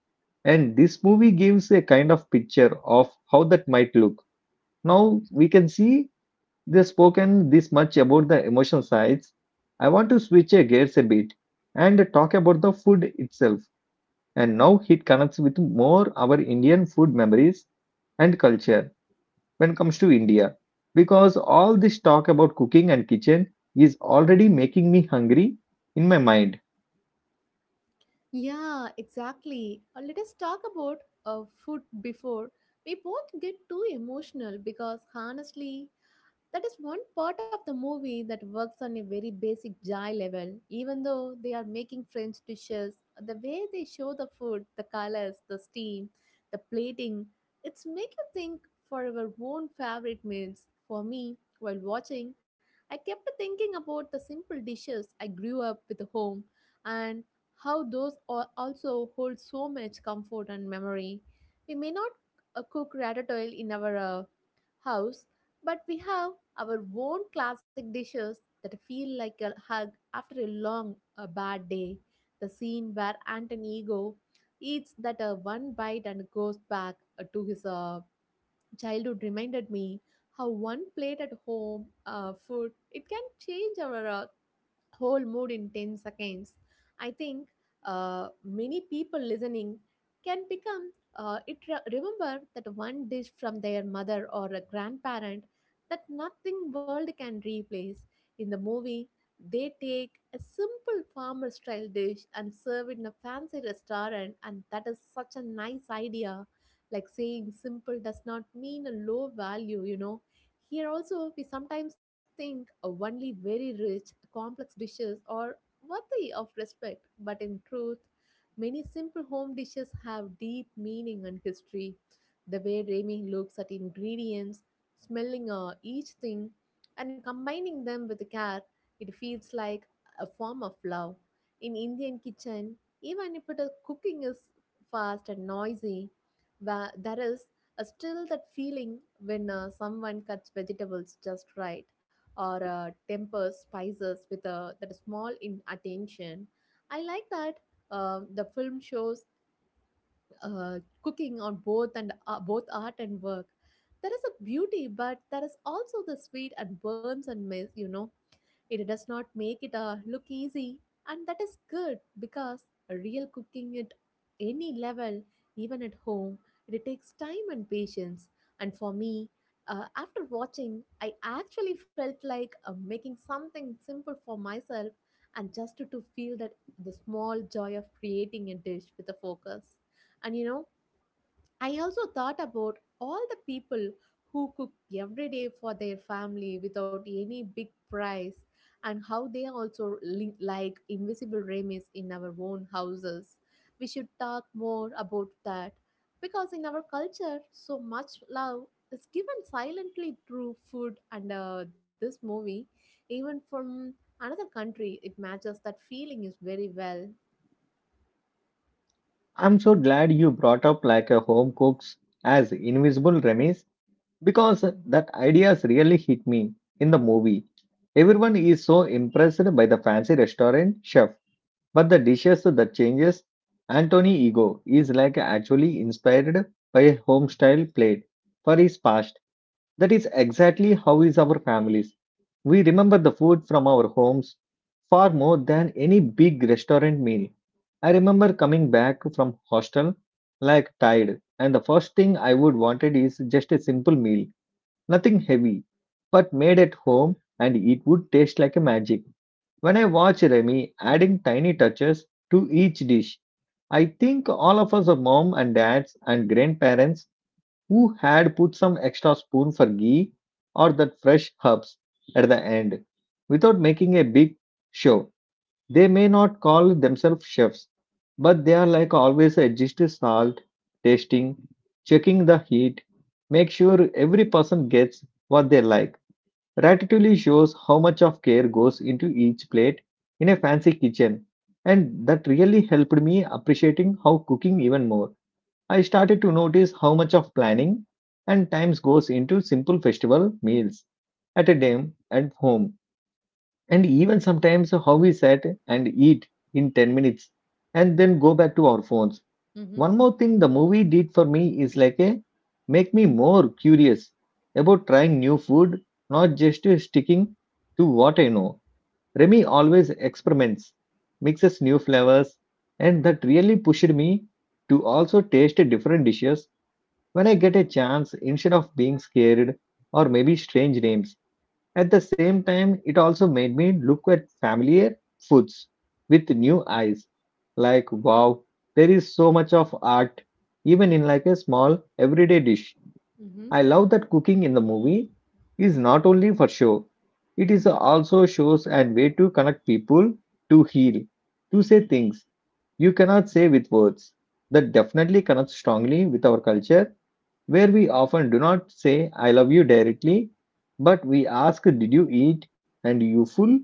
Speaker 1: And this movie gives a kind of picture of how that might look. Now we can see they've spoken this much about the emotional sides. I want to switch gears a bit and talk about the food itself. And now it connects with more our Indian food memories and culture when it comes to India. Because all this talk about cooking and kitchen is already making me hungry in my mind.
Speaker 2: Yeah, exactly. Let us talk about food before we both get too emotional, because honestly that is one part of the movie that works on a very basic joy level, even though they are making French dishes. The way they show the food, the colors, the steam, the plating, it's make you think for your own favorite meals. For me, while watching, I kept thinking about the simple dishes I grew up with home, and how those also hold so much comfort and memory. We may not cook ratatouille in our house, but we have our own classic dishes that feel like a hug after a long, a bad day. The scene where Anton Ego eats that one bite and goes back to his childhood reminded me how one plate at home food, it can change our whole mood in 10 seconds. I think many people listening can become remember that one dish from their mother or a grandparent that nothing world can replace. In the movie, they take a simple farmer style dish and serve it in a fancy restaurant, and that is such a nice idea. Like saying simple does not mean a low value, you know. Here also, we sometimes think only very rich, complex dishes are worthy of respect, but in truth, many simple home dishes have deep meaning and history. The way Remy looks at ingredients, smelling each thing, and combining them with care, it feels like a form of love. In Indian kitchen, even if it is cooking is fast and noisy, where there is still, that feeling when someone cuts vegetables just right, or tempers spices with that small in attention. I like that the film shows cooking on both and both art and work. There is a beauty, but there is also the sweet and burns and mess, you know, it does not make it look easy, and that is good because real cooking at any level, even at home, it takes time and patience. And for me, after watching, I actually felt like making something simple for myself, and just to feel that the small joy of creating a dish with a focus. And you know, I also thought about all the people who cook every day for their family without any big price, and how they are also like invisible ramies in our own houses. We should talk more about that because in our culture, so much love is given silently through food, and this movie, even from another country, it matches that feeling is very well.
Speaker 1: I'm so glad you brought up like a home cooks as invisible Ramesh because that ideas really hit me in the movie. Everyone is so impressed by the fancy restaurant chef, but the dishes that changes Anthony Ego is like actually inspired by a home style plate for his past. That is exactly how is our families. We remember the food from our homes far more than any big restaurant meal. I remember coming back from hostel like tired and the first thing I would wanted is just a simple meal. Nothing heavy, but made at home and it would taste like a magic. When I watch Remy adding tiny touches to each dish, I think all of us are mom and dads and grandparents who had put some extra spoon for ghee or that fresh herbs at the end without making a big show. They may not call themselves chefs, but they are like always adjust salt, tasting, checking the heat, make sure every person gets what they like. Ratatouille shows how much of care goes into each plate in a fancy kitchen, and that really helped me appreciating how cooking even more. I started to notice how much of planning and times goes into simple festival meals at a dam at home and even sometimes how we sat and eat in 10 minutes and then go back to our phones.
Speaker 2: Mm-hmm.
Speaker 1: One more thing the movie did for me is like a make me more curious about trying new food, not just sticking to what I know. Remy always experiments, mixes new flavors, and that really pushed me to also taste different dishes when I get a chance instead of being scared or maybe strange names. At the same time, it also made me look at familiar foods with new eyes. Like, wow, there is so much of art, even in like a small everyday dish.
Speaker 2: Mm-hmm.
Speaker 1: I love that cooking in the movie is not only for show, it is also shows and way to connect people, to heal, to say things you cannot say with words. That definitely connects strongly with our culture where we often do not say I love you directly, but we ask, did you eat? And you full?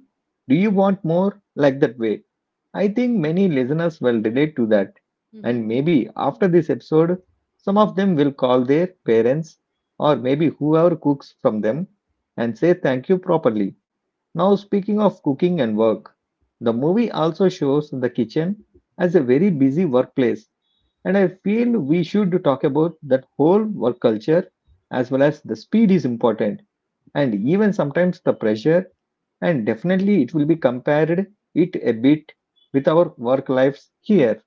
Speaker 1: Do you want more? Like that way. I think many listeners will relate to that.
Speaker 2: Mm-hmm.
Speaker 1: And maybe after this episode, some of them will call their parents or maybe whoever cooks from them and say thank you properly. Now, speaking of cooking and work, the movie also shows the kitchen as a very busy workplace, and I feel we should talk about that whole work culture as well as the speed is important, and even sometimes the pressure, and definitely it will be compared it a bit with our work lives here.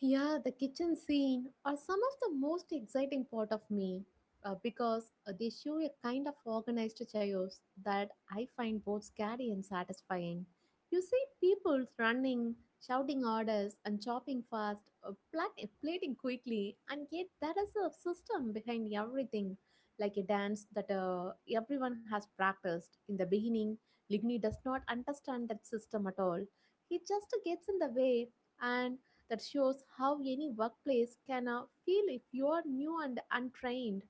Speaker 2: Yeah, the kitchen scene are some of the most exciting part of me because they show a kind of organized chaos that I find both scary and satisfying. You see people running, shouting orders, and chopping fast, plating quickly, and yet there is a system behind everything, like a dance that everyone has practiced. In the beginning, Ligny does not understand that system at all. He just gets in the way, and that shows how any workplace can feel if you are new and untrained.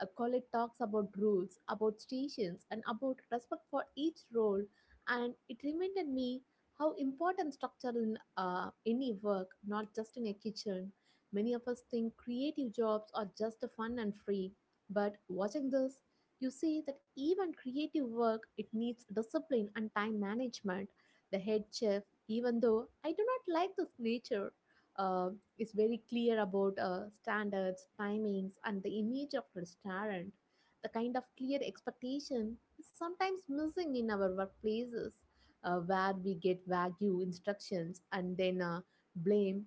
Speaker 2: A colleague talks about rules, about stations, and about respect for each role, and it reminded me how important structure in any work, not just in a kitchen. Many of us think creative jobs are just fun and free, but watching this, you see that even creative work it needs discipline and time management. The head chef, even though I do not like this nature, uh, is very clear about standards, timings, and the image of restaurant. The kind of clear expectation is sometimes missing in our workplaces, where we get vague instructions and then blame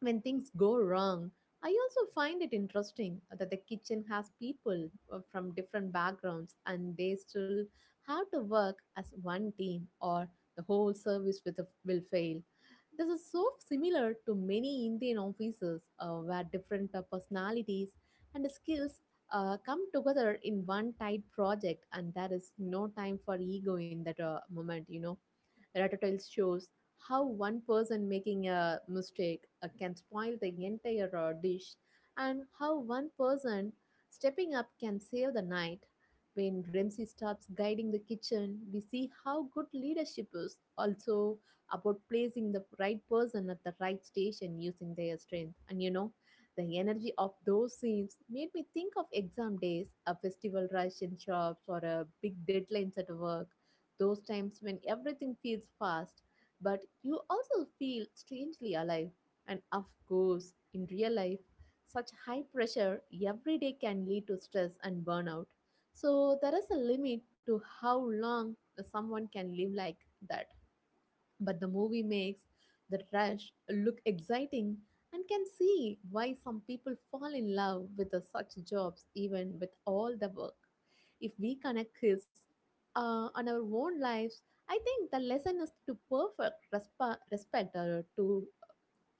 Speaker 2: when things go wrong. I also find it interesting that the kitchen has people from different backgrounds and they still have to work as one team, or the whole service with a, will fail. This is so similar to many Indian offices where different personalities and skills come together in one tight project, and there is no time for ego in that moment, you know. Rattle shows how one person making a mistake can spoil the entire dish, and how one person stepping up can save the night. When ramsey starts guiding the kitchen, we see how good leadership is also about placing the right person at the right station, using their strength. And you know, the energy of those scenes made me think of exam days, a festival rush in shops, or a big deadlines at work, those times when everything feels fast but you also feel strangely alive. And of course, in real life, such high pressure every day can lead to stress and burnout. So, there is a limit to how long someone can live like that, but the movie makes the rush look exciting, and can see why some people fall in love with the such jobs even with all the work. If we connect this on our own lives, I think the lesson is to perfect respect to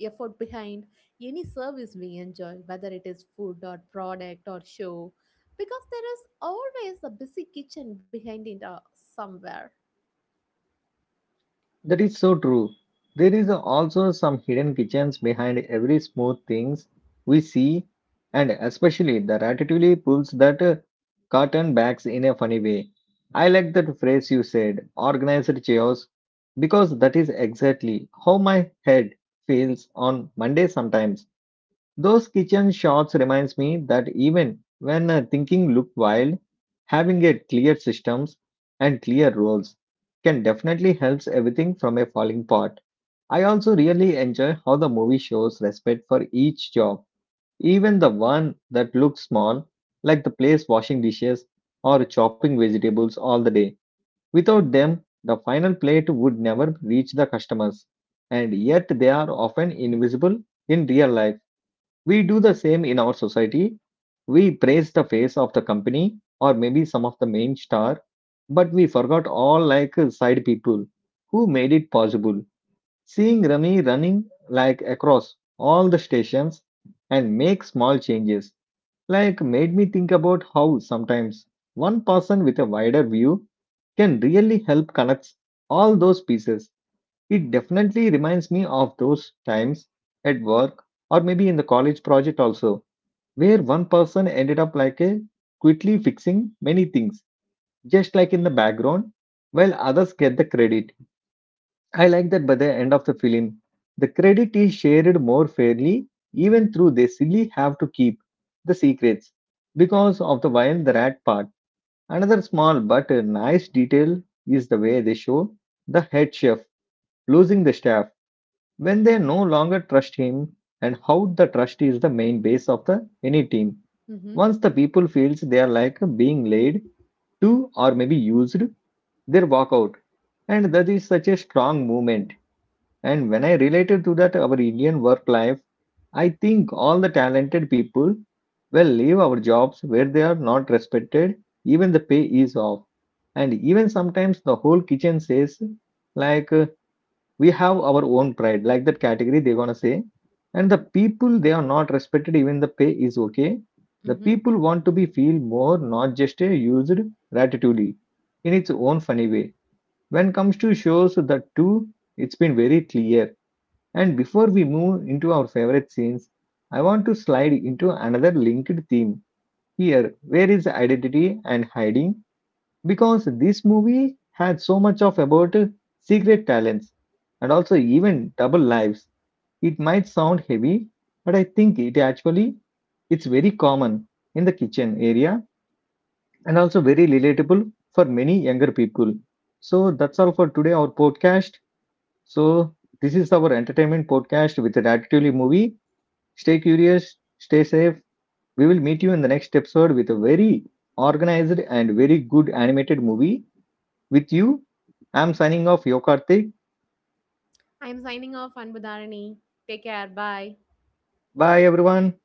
Speaker 2: effort behind any service we enjoy, whether it is food or product or show, because there is always a busy kitchen behind it somewhere.
Speaker 1: That is so true. There is also some hidden kitchens behind every smooth things we see, and especially the ratatouille pulls that curtain backs in a funny way. I like that phrase you said, organized chaos, because that is exactly how my head feels on Monday sometimes. Those kitchen shots reminds me that even when thinking look wild, having a clear systems and clear roles can definitely helps everything from a falling pot. I also really enjoy how the movie shows respect for each job, even the one that looks small, like the place washing dishes or chopping vegetables all the day. Without them, the final plate would never reach the customers, and yet they are often invisible in real life. We do the same in our society. We praise the face of the company or maybe some of the main star, but we forgot all like side people who made it possible. Seeing Rami running like across all the stations and make small changes like made me think about how sometimes one person with a wider view can really help connect all those pieces. It definitely reminds me of those times at work or maybe in the college project also where one person ended up like a quickly fixing many things just like in the background while others get the credit. I like that by the end of the film the credit is shared more fairly even through they silly have to keep the secrets because of the while the rat part. Another small but a nice detail is the way they show the head chef losing the staff when they no longer trust him and how the trust is the main base of the any team.
Speaker 2: Mm-hmm.
Speaker 1: Once the people feels they are like being laid to or maybe used they walk out, and that is such a strong movement. And when I related to that our Indian work life, I think all the talented people will leave our jobs where they are not respected even the pay is off. And even sometimes the whole kitchen says, like, we have our own pride, like that category they're gonna say, and the people they are not respected even the pay is okay. The
Speaker 2: Mm-hmm.
Speaker 1: people want to be feel more not just a used gratitude in its own funny way. When comes to shows the two, it's been very clear. And before we move into our favorite scenes, I want to slide into another linked theme here where is identity and hiding, because this movie had so much of about secret talents and also even double lives. It might sound heavy, but I think it actually it's very common in the kitchen area and also very relatable for many younger people. So that's all for today our podcast. So this is our entertainment podcast with an attitude movie. Stay curious, stay safe. We will meet you in the next episode with a very organized and very good animated movie with you. I'm signing off, Yokartik.
Speaker 2: I'm signing off, Anbudharani. Take care. Bye.
Speaker 1: Bye, everyone.